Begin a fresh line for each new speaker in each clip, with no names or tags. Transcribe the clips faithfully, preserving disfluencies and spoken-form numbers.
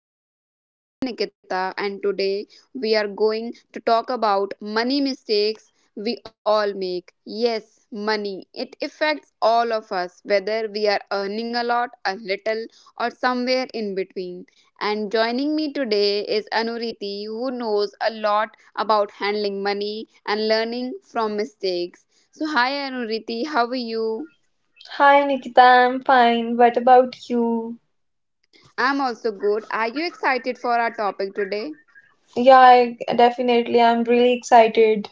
the podcast. I am Nikita, and today we are going to talk about money mistakes we all make. Yes, money. It affects all of us, whether we are earning a lot, a little, or somewhere in between. And joining me today is Anuriti, who knows a lot about handling money and learning from mistakes. So, hi Anuriti, how are you?
Hi Nikita, I'm fine. What about you?
I'm also good. Are you excited for our topic today?
Yeah, I, definitely. I'm really excited.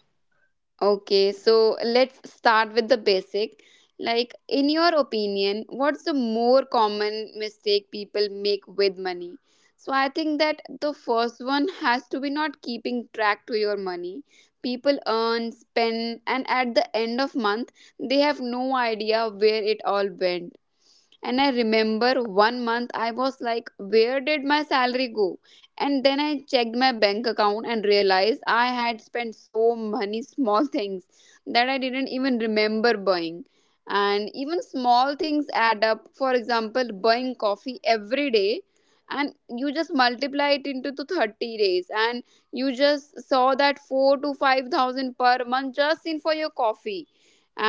Okay, so let's start with the basic. Like, in your opinion, what's the more common mistake people make with money? So, I think that the first one has to be not keeping track to your money. People earn, spend, and at the end of month, they have no idea where it all went. And I remember one month I was like, where did my salary go? And then I checked my bank account and realized I had spent so many small things that I didn't even remember buying. And even small things add up. For example, buying coffee every day and you just multiply it into the thirty days, and you just saw that four to five thousand per month just in for your coffee,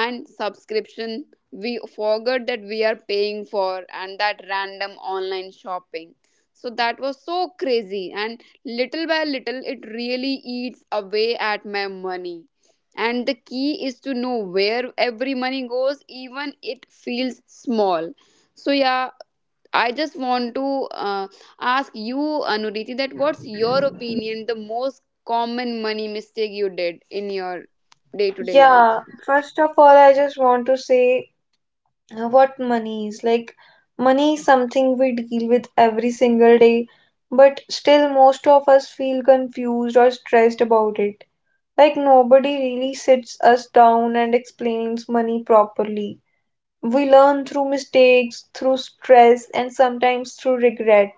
and subscription we forgot that we are paying for, and that random online shopping. So that was so crazy. And little by little, it really eats away at my money. And the key is to know where every money goes, even it feels small. So, yeah, I just want to uh, ask you, Anuriti, that what's your opinion the most common money mistake you did in your day to day life?
Yeah, first of all, I just want to say uh, what money is. Like, money is something we deal with every single day, but still, most of us feel confused or stressed about it. Like, nobody really sits us down and explains money properly. We learn through mistakes, through stress, and sometimes through regret.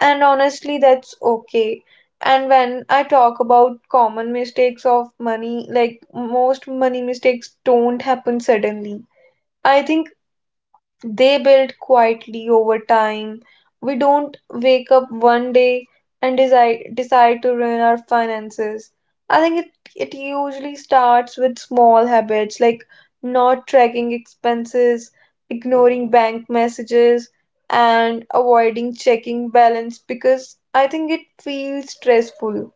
And honestly, that's okay. And when I talk about common mistakes of money, like, most money mistakes don't happen suddenly, I think they build quietly over time. We don't wake up one day and decide decide to ruin our finances. I think it, it usually starts with small habits like not tracking expenses, ignoring bank messages, and avoiding checking balance because I think it feels stressful.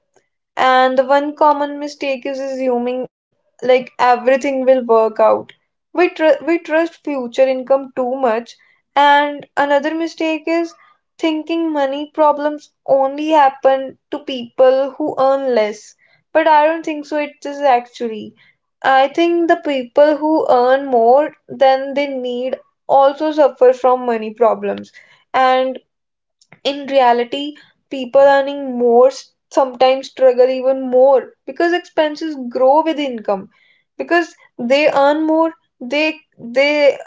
And the one common mistake is assuming like everything will work out. We tr- we trust future income too much. And another mistake is thinking money problems only happen to people who earn less. But I don't think so. It is, actually. I think the people who earn more than they need also suffer from money problems. And in reality, people earning more s- sometimes struggle even more because expenses grow with income. Because they earn more, they they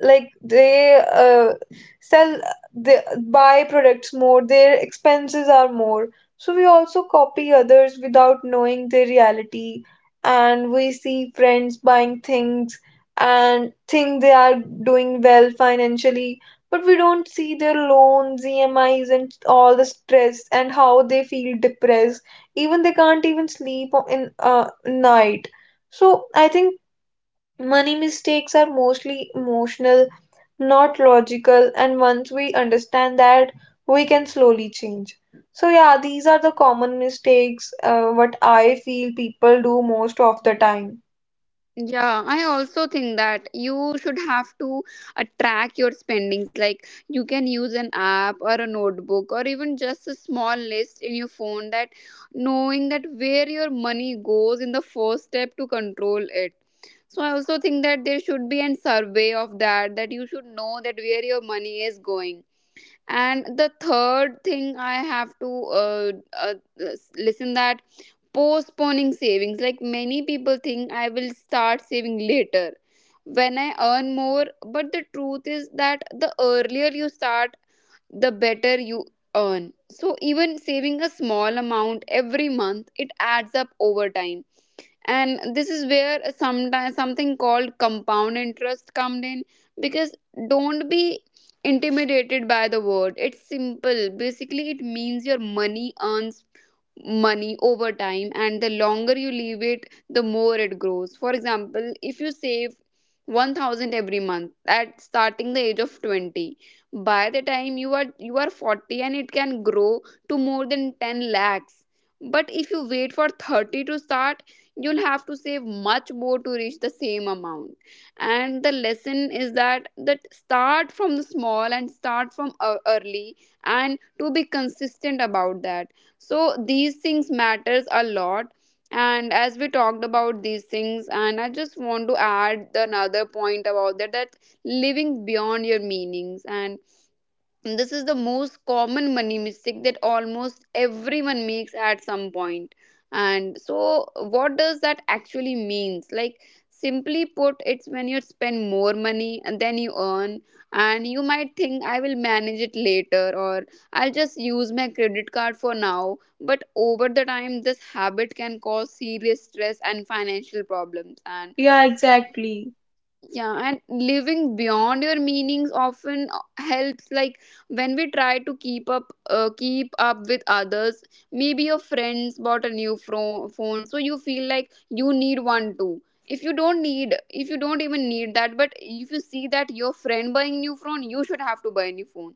like they uh, sell they buy products more. Their expenses are more. So we also copy others without knowing their reality, and we see friends buying things and think they are doing well financially, but we don't see their loans, E M Is, and all the stress and how they feel depressed. Even they can't even sleep in uh, night. So I think money mistakes are mostly emotional, not logical. And once we understand that, we can slowly change. So, yeah, these are the common mistakes uh, what I feel people do most of the time.
Yeah, I also think that you should have to uh, track your spendings. Like you can use an app or a notebook or even just a small list in your phone, that knowing that where your money goes in the first step to control it. So I also think that there should be an survey of that, that you should know that where your money is going. And the third thing I have to uh, uh, s- listen that postponing savings. Like many people think I will start saving later when I earn more, but the truth is that the earlier you start, the better you earn. So even saving a small amount every month, it adds up over time. And this is where sometimes something called compound interest comes in, because don't be intimidated by the word. It's simple. Basically, it means your money earns money over time, and the longer you leave it, the more it grows. For example, if you save one thousand every month at starting the age of twenty, by the time you are you are forty, and it can grow to more than ten lakhs. But if you wait for thirty to start, you'll have to save much more to reach the same amount. And the lesson is that that start from the small and start from uh, early, and to be consistent about that. So these things matters a lot. And as we talked about these things, and I just want to add another point about that, that living beyond your meanings. And this is the most common money mistake that almost everyone makes at some point point. And so what does that actually means? Like, simply put, it's when you spend more money than you earn. And you might think I will manage it later, or I'll just use my credit card for now, but over the time this habit can cause serious stress and financial problems. And
Yeah, exactly.
yeah, and living beyond your meanings often helps, like when we try to keep up uh, keep up with others. Maybe your friends bought a new fro- phone, so you feel like you need one too. If you don't need, if you don't even need that, but if you see that your friend buying new phone, you should have to buy a new phone.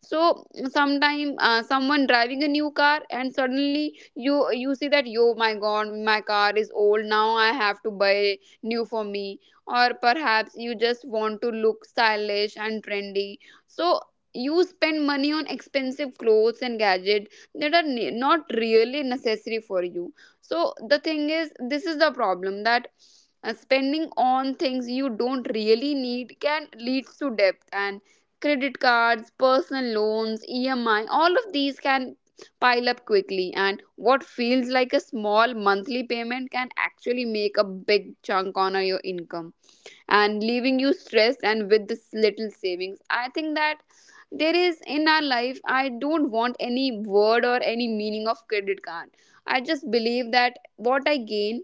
So sometime uh, someone driving a new car, and suddenly you you see that, yo my god, my car is old, now I have to buy new for me. Or perhaps you just want to look stylish and trendy. So you spend money on expensive clothes and gadgets that are ne- not really necessary for you. So the thing is, this is the problem that uh, spending on things you don't really need can lead to debt. And credit cards, personal loans, E M I, all of these can pile up quickly, and what feels like a small monthly payment can actually make a big chunk on uh, your income, and leaving you stressed and with this little savings. I think that there is in our life, I don't want any word or any meaning of credit card. I just believe that what I gain,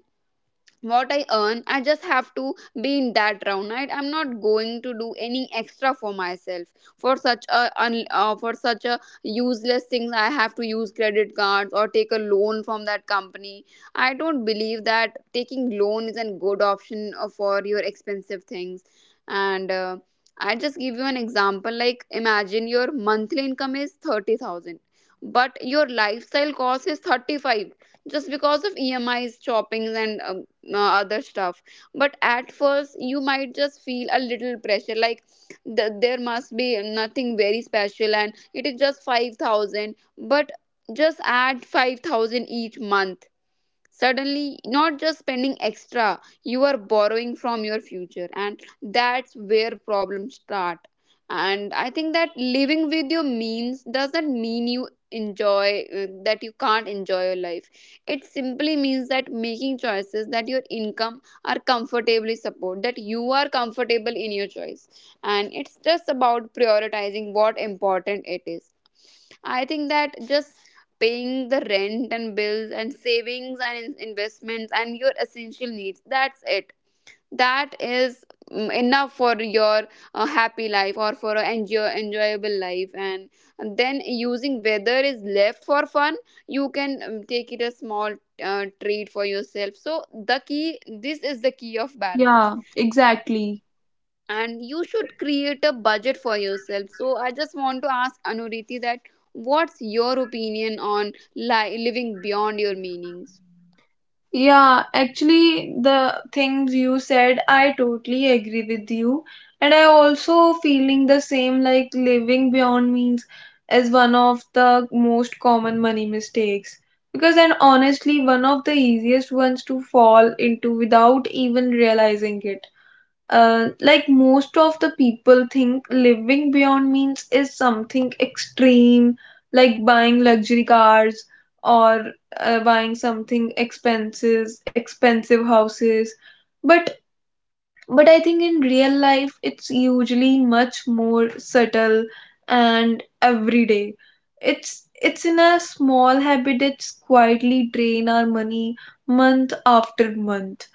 what I earn, I just have to be in that round. Right? I'm not going to do any extra for myself for such a un, uh, for such a useless things. I have to use credit cards or take a loan from that company. I don't believe that taking loan is a good option uh, for your expensive things. And uh, I just give you an example. Like imagine your monthly income is thirty thousand, but your lifestyle cost is thirty five, just because of E M Is, shoppings, and um, uh, other stuff. But at first you might just feel a little pressure, like th- there must be nothing very special and it is just five thousand. But just add five thousand each month, suddenly not just spending extra, you are borrowing from your future, and that's where problems start. And I think that living with your means doesn't mean you enjoy, uh, that you can't enjoy your life. It simply means that making choices that your income are comfortably support, that you are comfortable in your choice. And it's just about prioritizing what important it is. I think that just paying the rent and bills and savings and in- investments and your essential needs, that's it. That is, mm, enough for your uh, happy life, or for an enjoy, enjoyable life. And then using weather is left for fun, you can um, take it a small uh, treat for yourself. So the key, this is the key of balance.
Yeah, exactly.
And you should create a budget for yourself. So I just want to ask Anuriti that what's your opinion on li- living beyond your meanings.
Yeah, actually, the things you said, I totally agree with you. And I also feeling the same, like living beyond means is one of the most common money mistakes. Because, and honestly, one of the easiest ones to fall into without even realizing it. Uh, like, most of the people think living beyond means is something extreme, like buying luxury cars or uh, buying something expenses, expensive houses. But but I think in real life it's usually much more subtle and everyday. It's it's in a small habit that's quietly drain our money month after month.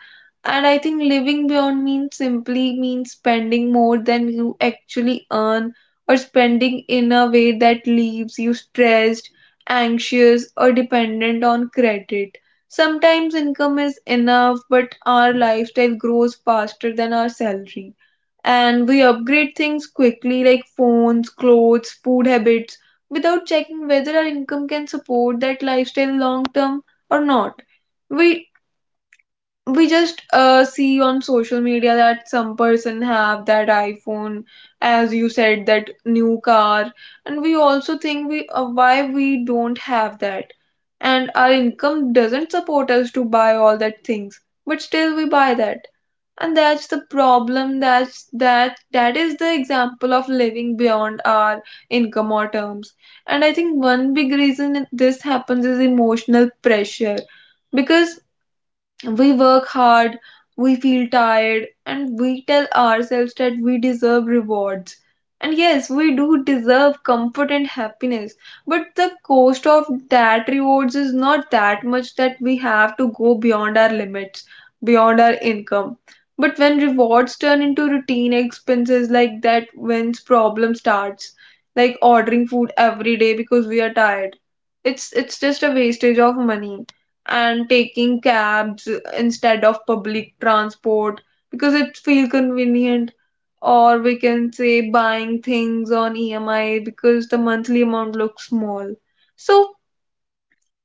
And I think living beyond means simply means spending more than you actually earn, or spending in a way that leaves you stressed, anxious, or dependent on credit. Sometimes income is enough, but our lifestyle grows faster than our salary. And we upgrade things quickly, like phones, clothes, food habits, without checking whether our income can support that lifestyle long term or not. We we just uh, see on social media that some person have that iPhone, as you said, that new car. And we also think, we uh, why we don't have that? And our income doesn't support us to buy all that things, but still we buy that. And that's the problem. That's that that is the example of living beyond our income or terms. And I think one big reason this happens is emotional pressure, because we work hard, we feel tired, and we tell ourselves that we deserve rewards. And yes, we do deserve comfort and happiness, but the cost of that rewards is not that much that we have to go beyond our limits, beyond our income. But when rewards turn into routine expenses like that, when's problem starts, like ordering food every day because we are tired, it's it's just a wastage of money, and taking cabs instead of public transport because it feels convenient, or we can say buying things on E M I because the monthly amount looks small. So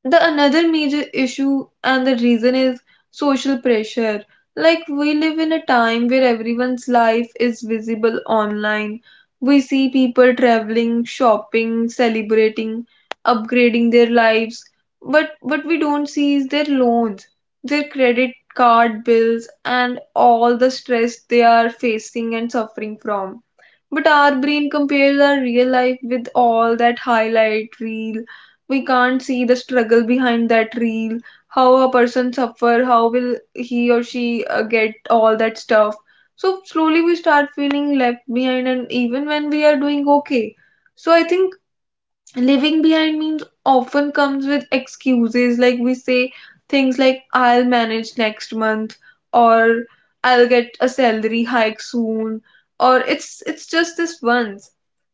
the another major issue and the reason is social pressure. Like, we live in a time where everyone's life is visible online. We see people traveling, shopping, celebrating, upgrading their lives, but what we don't see is their loans, their credit card bills, and all the stress they are facing and suffering from. But our brain compares our real life with all that highlight reel. We can't see the struggle behind that reel, how a person suffer, how will he or she uh, get all that stuff. So slowly we start feeling left behind, and even when we are doing okay. So I think living behind means often comes with excuses, like we say things like, I'll manage next month, or I'll get a salary hike soon, or it's it's just this once.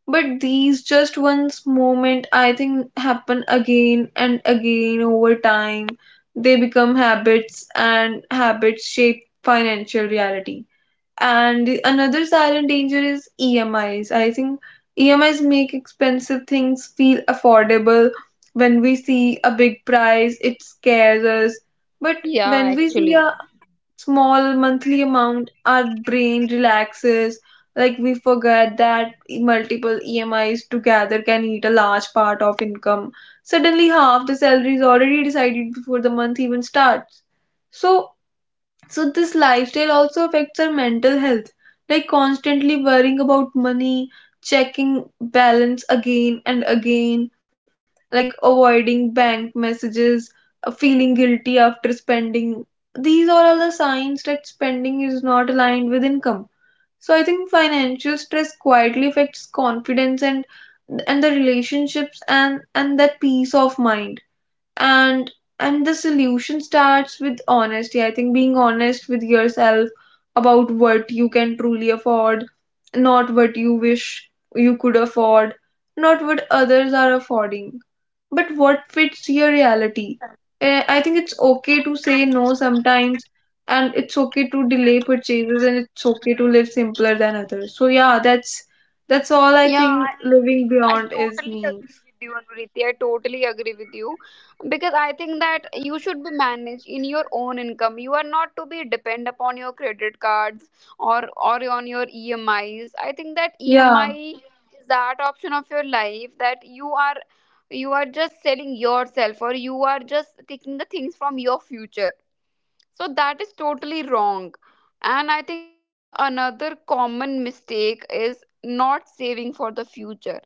But these just once moment, I think, happen again and again over time. They become habits, and habits shape financial reality. And another silent danger is E M Is. I think E M Is make expensive things feel affordable. When we see a big price, it scares us. But
Yeah,
when we see
actually.
a small monthly amount, our brain relaxes. Like, we forget that multiple E M Is together can eat a large part of income. Suddenly, half the salary is already decided before the month even starts. So so this lifestyle also affects our mental health, like constantly worrying about money, checking balance again and again, like avoiding bank messages, uh, feeling guilty after spending. These are all the signs that spending is not aligned with income. So I think financial stress quietly affects confidence, and and the relationships, and and that peace of mind. And and the solution starts with honesty, I think, being honest with yourself about what you can truly afford, not what you wish you could afford, not what others are affording, but what fits your reality. Eh, I think it's okay to say no sometimes, and it's okay to delay purchases, and it's okay to live simpler than others. So, yeah, that's that's all I
Yeah,
think
I,
living
I
beyond is
totally agree
means.
with you, Anuriti. I totally agree with you, because I think that you should be managed in your own income. You are not to be depend upon your credit cards, or or on your E M Is. I think that
Yeah,
E M I is that option of your life that you are you are just selling yourself, or you are just taking the things from your future. So that is totally wrong. And I think that the another common mistake is not saving for the future.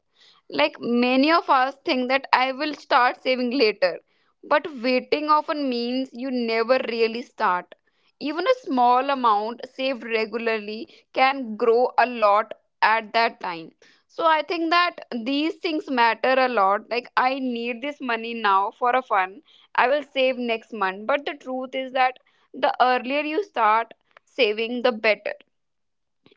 Like many of us think that I will start saving later, but waiting often means you never really start. Even a small amount saved regularly can grow a lot at that time. So I think that these things matter a lot. Like I need this money now for a fun. I will save next month. But the truth is that the earlier you start saving, the better.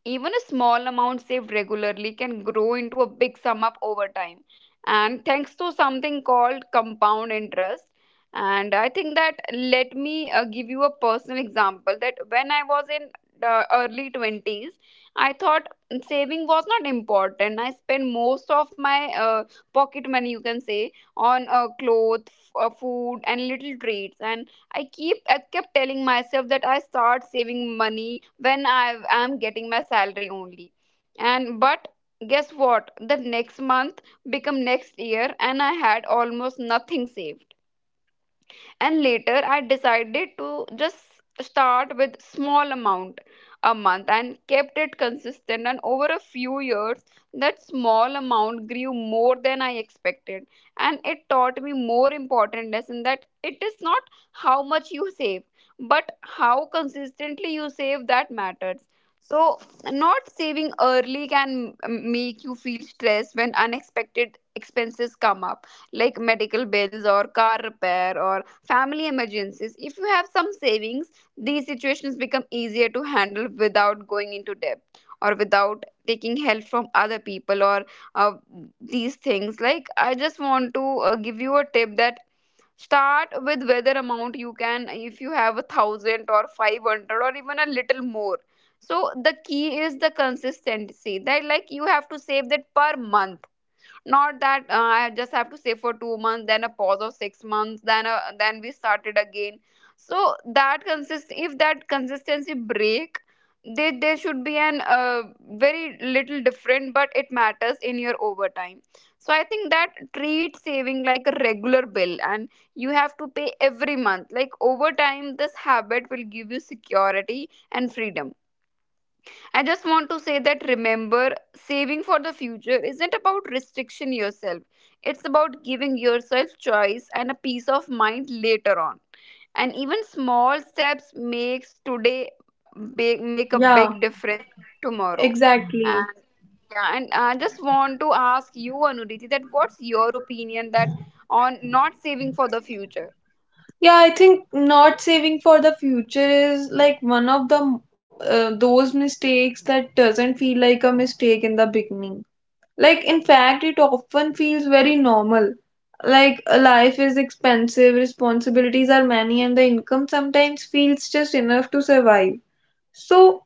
Even a small amount saved regularly can grow into a big sum up over time. And thanks to something called compound interest. And I think that let me uh, give you a personal example, that when I was in the early twenties, I thought saving was not important. I spent most of my uh, pocket money, you can say, on uh, clothes, uh, food, and little treats. And I keep I kept telling myself that I start saving money when I am getting my salary only. And but guess what, the next month become next year, and I had almost nothing saved. And later I decided to just start with small amount a month, and kept it consistent, and over a few years that small amount grew more than I expected. And it taught me more important lesson, that it is not how much you save, but how consistently you save that matters. So not saving early can m- make you feel stressed when unexpected expenses come up, like medical bills or car repair or family emergencies. If you have some savings, these situations become easier to handle without going into debt, or without taking help from other people, or uh, these things. Like, I just want to uh, give you a tip that start with whether amount you can if you have a thousand or five hundred or even a little more. So the key is the consistency that, like, you have to save that per month, not that uh, I just have to stay for two months, then a pause of six months, then a, then we started again. So that consist if that consistency break, they there should be an uh, very little different, but it matters in your overtime. So I think that treat saving like a regular bill and you have to pay every month. Like, over time, this habit will give you security and freedom. I just want to say that, remember, saving for the future isn't about restriction yourself. It's about giving yourself choice and a peace of mind later on. And even small steps makes today big, make a
yeah,
big difference tomorrow. And
exactly.
yeah, and I just want to ask you, Anuriti, that what's your opinion that on not saving for the future?
Yeah, I think not saving for the future is like one of the uh, those mistakes that doesn't feel like a mistake in the beginning. Like, in fact, it often feels very normal. Like, uh, life is expensive, responsibilities are many, and the income sometimes feels just enough to survive. So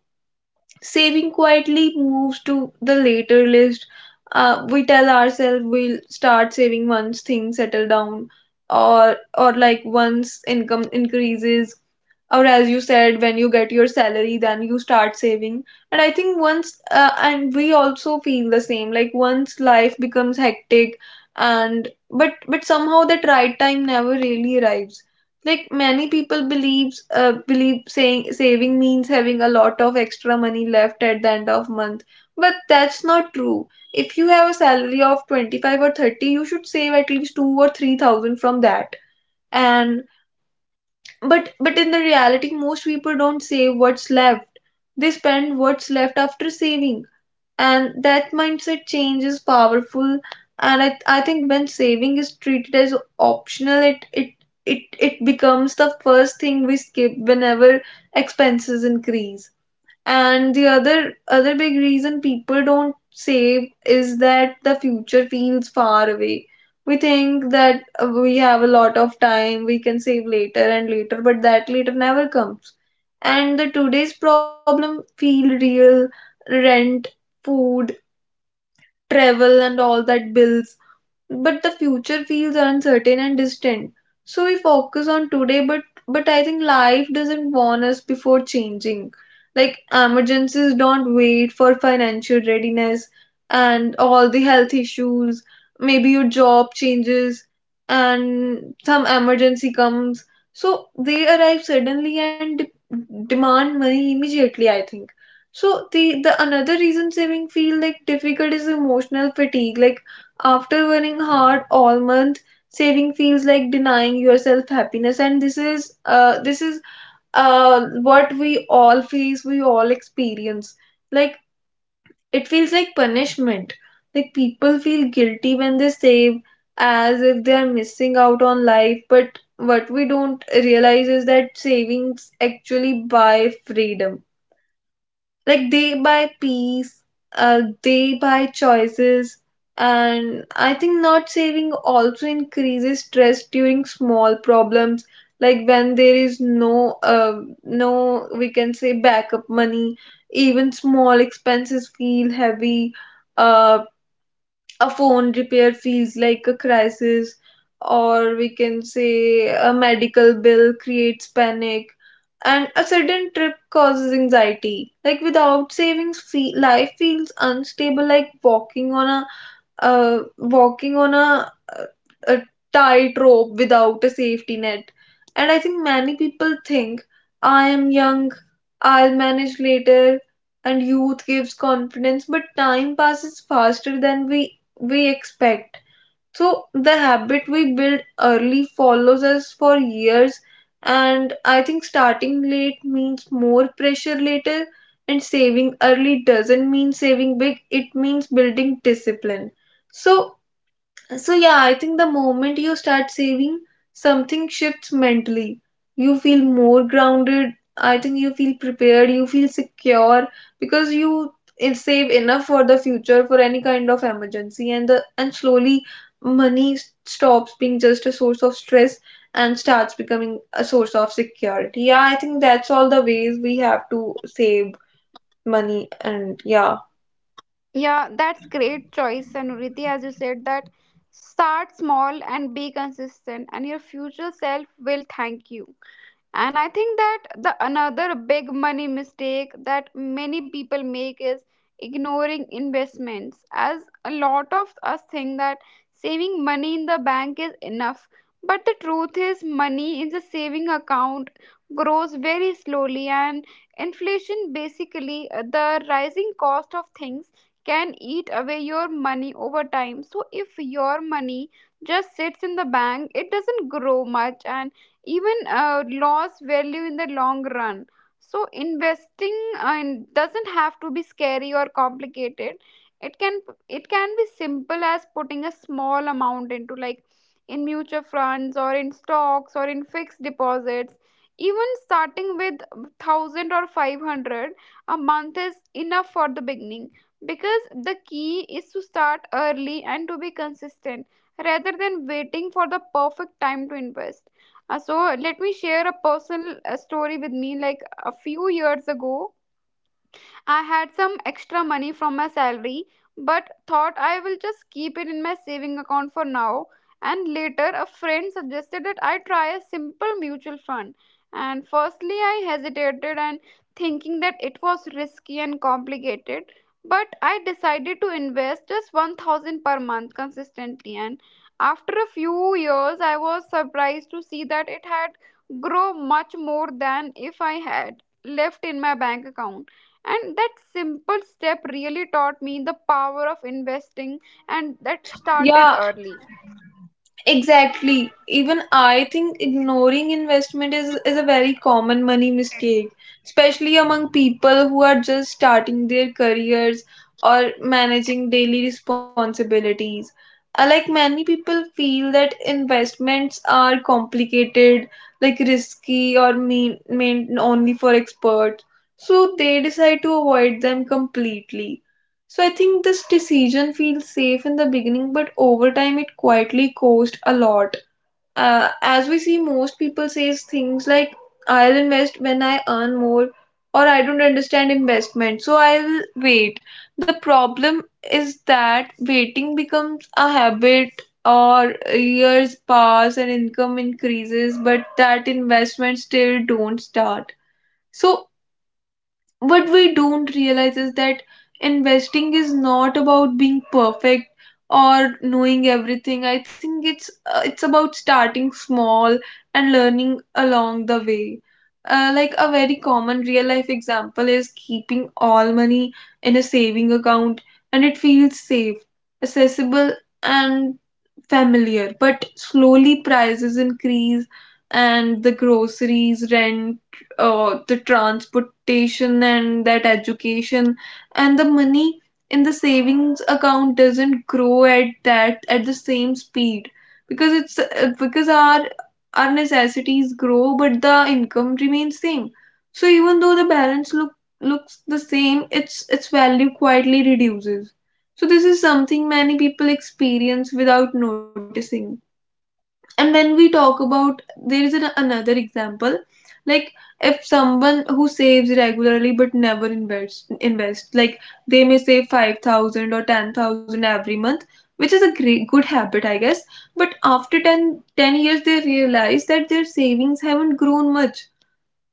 saving quietly moves to the later list. Uh, we tell ourselves we'll start saving once things settle down, or or like once income increases, or as you said, when you get your salary then you start saving. And I think once uh, and we also feel the same, like once life becomes hectic, and but but somehow that right time never really arrives. Like many people believes uh, believe saying saving means having a lot of extra money left at the end of month, but that's not true. If you have a salary of twenty-five or thirty, you should save at least two or three thousand from that. And but but in the reality, most people don't save what's left. They spend what's left after saving, and that mindset change is powerful. And I, I think when saving is treated as optional, it it it it becomes the first thing we skip whenever expenses increase. And the other other big reason people don't save is that the future feels far away. We think that uh, we have a lot of time, we can save later and later, but that later never comes. And the today's problem feel real, rent, food, travel, and all that bills, but the future feels uncertain and distant. So we focus on today, but but I think life doesn't warn us before changing. Like, emergencies don't wait for financial readiness, and all the health issues, maybe your job changes and some emergency comes. So they arrive suddenly and de- demand money immediately, I think. So the the another reason saving feel like difficult is emotional fatigue. Like, after working hard all month, saving feels like denying yourself happiness, and this is uh, this is uh, what we all face, we all experience. Like, it feels like punishment. Like, people feel guilty when they save, as if they are missing out on life. But what we don't realize is that savings actually buy freedom, like they buy peace, uh, they buy choices. And I think not saving also increases stress during small problems, like when there is no uh, no, we can say, backup money. Even small expenses feel heavy. uh, a phone repair feels like a crisis, or we can say a medical bill creates panic, and a sudden trip causes anxiety. Like without savings, fe- life feels unstable, like walking on a uh, walking on a, a tightrope without a safety net. And I think many people think, I am young, I'll manage later, and youth gives confidence, but time passes faster than we we expect. So the habit we build early follows us for years, and I think starting late means more pressure later, and saving early doesn't mean saving big, it means building discipline. So so, yeah, I think the moment you start saving, something shifts mentally. You feel more grounded. I think you feel prepared. You feel secure because you in- save enough for the future for any kind of emergency. And the and slowly, money s- stops being just a source of stress and starts becoming a source of security. Yeah, I think that's all the ways we have to save money. And yeah.
Yeah, that's great choice, Anuriti. As you said, that start small and be consistent, and your future self will thank you. And I think that the another big money mistake that many people make is ignoring investments, as a lot of us think that saving money in the bank is enough, but the truth is money in the saving account grows very slowly, and inflation, basically uh, the rising cost of things, can eat away your money over time. So if your money just sits in the bank, it doesn't grow much and even uh, loss value in the long run. So investing uh, in- doesn't have to be scary or complicated. It can, it can be simple as putting a small amount into, like, in mutual funds or in stocks or in fixed deposits. Even starting with a thousand or five hundred a month is enough for the beginning, because the key is to start early and to be consistent rather than waiting for the perfect time to invest. Uh, so let me share a personal uh, story with me. Like, a few years ago, I had some extra money from my salary, but thought I will just keep it in my saving account for now. And later, a friend suggested that I try a simple mutual fund. And firstly, I hesitated and thinking that it was risky and complicated. But I decided to invest just one thousand per month consistently. And after a few years, I was surprised to see that it had grown much more than if I had left in my bank account. And that simple step really taught me the power of investing and that started
Yeah,
early.
exactly. Even I think ignoring investment is, is a very common money mistake, especially among people who are just starting their careers or managing daily responsibilities. Uh, Like many people feel that investments are complicated, like risky or mean, meant only for experts, so they decide to avoid them completely. So I think this decision feels safe in the beginning, but over time it quietly costs a lot. Uh, as we see, most people says things like "I'll invest when I earn more," or "I don't understand investment, so I'll wait." The problem is that waiting becomes a habit, or years pass and income increases, but that investment still don't start. So what we don't realize is that investing is not about being perfect or knowing everything. I think it's uh, it's about starting small and learning along the way. Uh, like a very common real life example is keeping all money in a saving account, and it feels safe, accessible, and familiar, but slowly prices increase and the groceries, rent, uh, the transportation, and that education, and the money in the savings account doesn't grow at that at the same speed because it's uh, because our our necessities grow but the income remains same. So even though the balance look looks the same, its its value quietly reduces. So, this is something many people experience without noticing. And when we talk about, there is an, another example, like if someone who saves regularly but never invests, invest like they may save five thousand or ten thousand every month, which is a great good habit I guess. But after ten ten years they realize that their savings haven't grown much.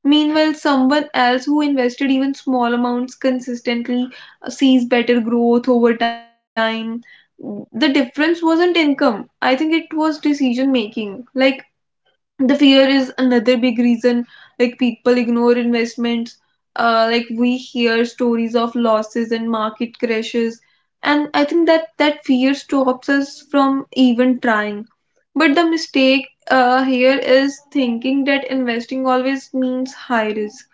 Meanwhile, someone else who invested even small amounts consistently uh, sees better growth over time. The difference wasn't income. I think it was decision making. Like the fear is another big reason, like people ignore investments. Uh, like we hear stories of losses and market crashes, and I think that that fear stops us from even trying. But the mistake uh, here is thinking that investing always means high risk.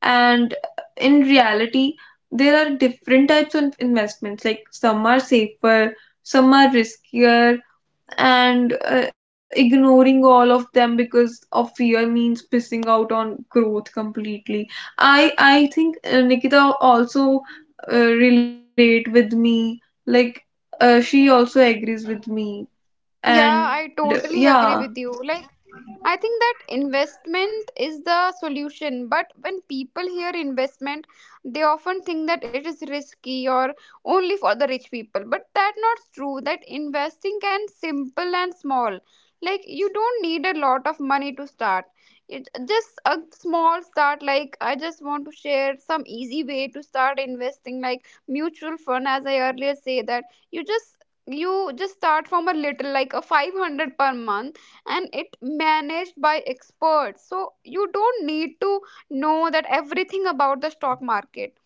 And in reality, there are different types of investments, like some are safer, some are riskier, and uh, ignoring all of them because of fear means pissing out on growth completely. I i think uh, Nikita also uh, relate with me. Like uh, she also agrees with me.
Yeah, I
And
totally
yeah.
agree with you. Like, I think that investment is the solution, but when people hear investment, they often think that it is risky or only for the rich people. But that not true. That investing can simple and small. Like, you don't need a lot of money to start. It just a small start. Like, I just want to share some easy way to start investing, like mutual fund. As I earlier say that you just you just start from a little, like a five hundred per month, and it managed by experts, so you don't need to know that everything about the stock market.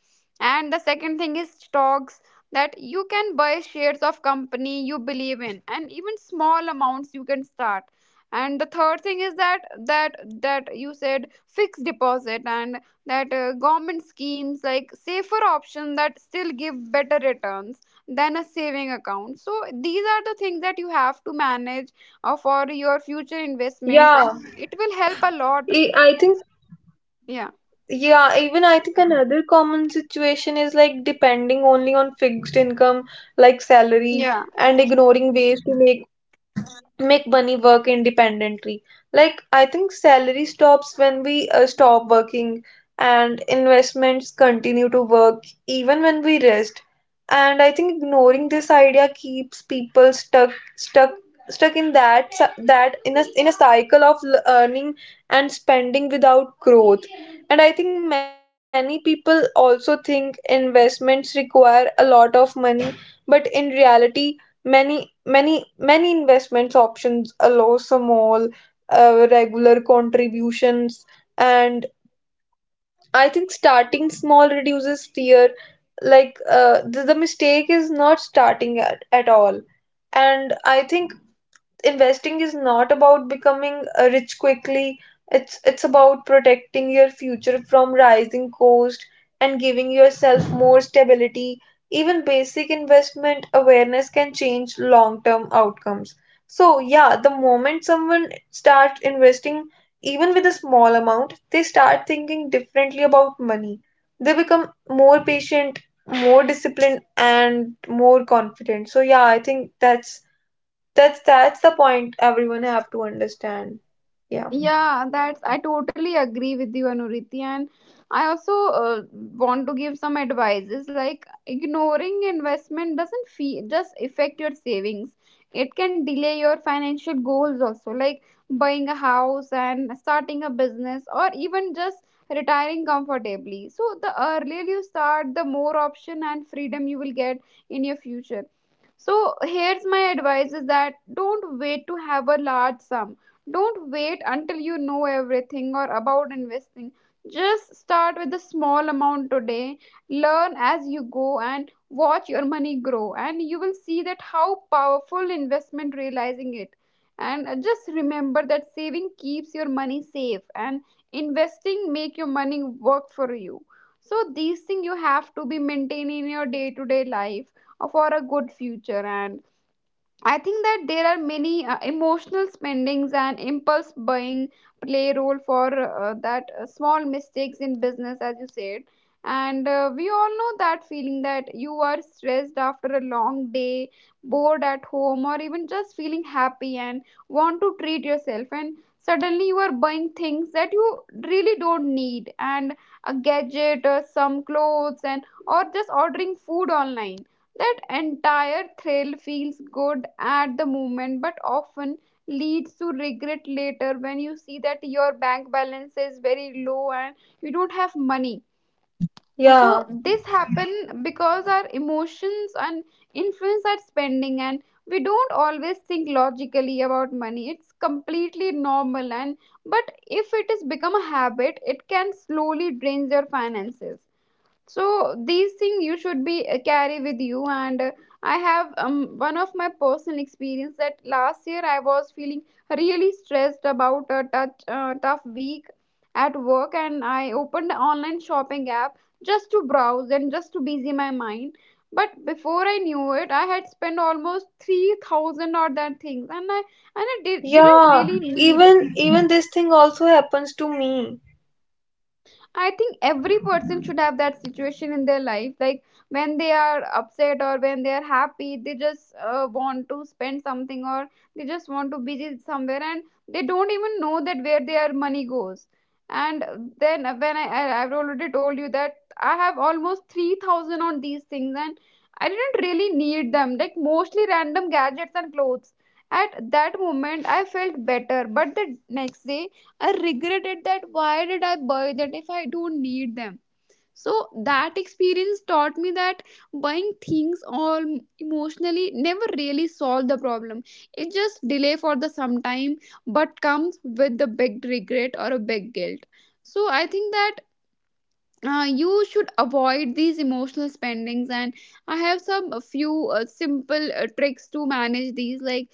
And the second thing is stocks, that you can buy shares of company you believe in, and even small amounts you can start. And the third thing is that that that you said fixed deposit and that uh, government schemes, like safer option that still give better returns than a saving account. So these are the things that you have to manage or for your future investments, and
Yeah,
it will help a lot.
e- I think,
Yeah,
yeah, even I think another common situation is like depending only on fixed income, like salary,
yeah.
and ignoring ways to make make money work independently. Like, I think salary stops when we uh, stop working, and investments continue to work even when we rest. And I think ignoring this idea keeps people stuck, stuck, stuck in that cy- that in a in a cycle of l- earning and spending without growth. And I think many people also think investments require a lot of money, but in reality, many many many investments options allow small uh, regular contributions. And I think starting small reduces fear. Like uh, the, the mistake is not starting at, at all. And I think investing is not about becoming uh, rich quickly. It's it's about protecting your future from rising cost and giving yourself more stability. Even basic investment awareness can change long-term outcomes. So, yeah, the moment someone starts investing, even with a small amount, they start thinking differently about money. They become more patient, more disciplined, and more confident. So, yeah, I think that's that's that's the point everyone have to understand. Yeah.
Yeah, that's I totally agree with you, Anuriti, and I also uh, want to give some advices. Like, ignoring investment doesn't fee just affect your savings. It can delay your financial goals also, like buying a house and starting a business, or even just retiring comfortably. So the earlier you start, the more option and freedom you will get in your future. So here's my advice: is that don't wait to have a large sum, don't wait until you know everything or about investing. Just start with a small amount today, learn as you go, and watch your money grow. And you will see that how powerful investment realizing it. And uh, just remember that saving keeps your money safe, and investing make your money work for you. So these things you have to be maintained in your day to day life uh, for a good future. And I think that there are many uh, emotional spendings and impulse buying play role for uh, that uh, small mistakes in business, as you said. And uh, we all know that feeling that you are stressed after a long day, bored at home, or even just feeling happy and want to treat yourself. And suddenly you are buying things that you really don't need, and a gadget, or some clothes, and or just ordering food online. That entire thrill feels good at the moment, but often leads to regret later when you see that your bank balance is very low and you don't have money.
Yeah.
So this happen because our emotions and influence our spending, and we don't always think logically about money. It's completely normal and but if it is become a habit, it can slowly drain your finances. So these things you should be uh, carry with you, and uh, I have um, one of my personal experience that last year I was feeling really stressed about a touch, uh, tough week at work, and I opened an online shopping app just to browse and just to busy my mind. But before I knew it, I had spent almost three thousand or that things, and i and i did, didn't
Yeah.
really need.
Even even this thing also happens to me.
I think every person should have that situation in their life. Like, when they are upset or when they are happy, they just uh, want to spend something, or they just want to visit somewhere, and they don't even know that where their money goes. And then when I, I I've already told you that I have almost three thousand on these things, and I didn't really need them. Like, mostly random gadgets and clothes. At that moment, I felt better, but the next day I regretted that why did I buy that if I don't need them. So that experience taught me that buying things all emotionally never really solve the problem. It just delay for the some time, but comes with the big regret or a big guilt. So I think that uh, you should avoid these emotional spendings, and I have some a few uh, simple uh, tricks to manage these, like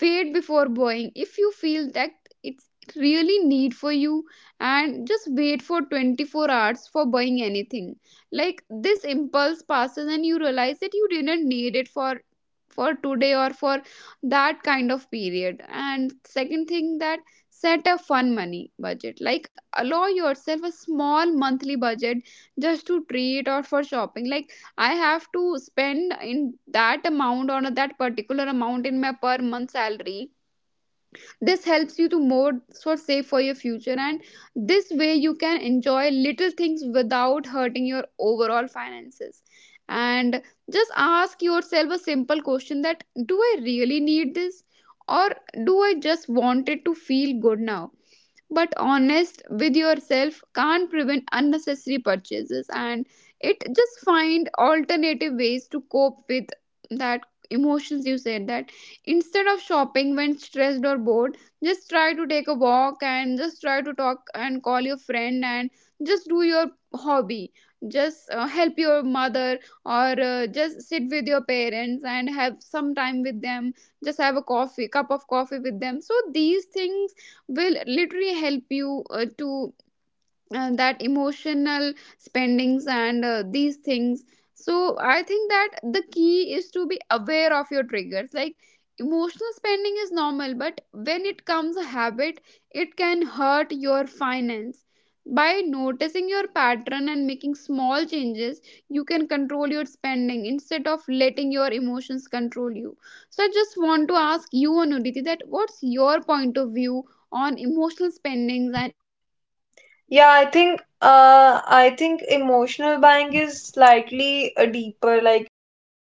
wait before buying. If you feel that it's really need for you, and just wait for twenty-four hours for buying anything, like this impulse passes and you realize that you didn't need it for for today or for that kind of period. And second thing that set a fun money budget, like allow yourself a small monthly budget just to treat or for shopping, like I have to spend in that amount or that particular amount in my per month salary. This helps you to more sort of save for your future, and this way you can enjoy little things without hurting your overall finances. And just ask yourself a simple question that do I really need this, or do I just want it to feel good now. But honest with yourself can't prevent unnecessary purchases, and it just find alternative ways to cope with that emotions you said, that instead of shopping when stressed or bored, just try to take a walk, and just try to talk and call your friend, and just do your hobby, just uh, help your mother, or uh, just sit with your parents and have some time with them, just have a coffee cup of coffee with them. So these things will literally help you uh, to uh, that emotional spendings and uh, these things. So I think that the key is to be aware of your triggers. Like, emotional spending is normal, but when it comes a habit, it can hurt your finance. By noticing your pattern and making small changes, you can control your spending instead of letting your emotions control you. So I just want to ask you, Anuditi, that what's your point of view on emotional spendings and
Yeah, I think uh I think emotional buying is slightly uh, deeper. Like it's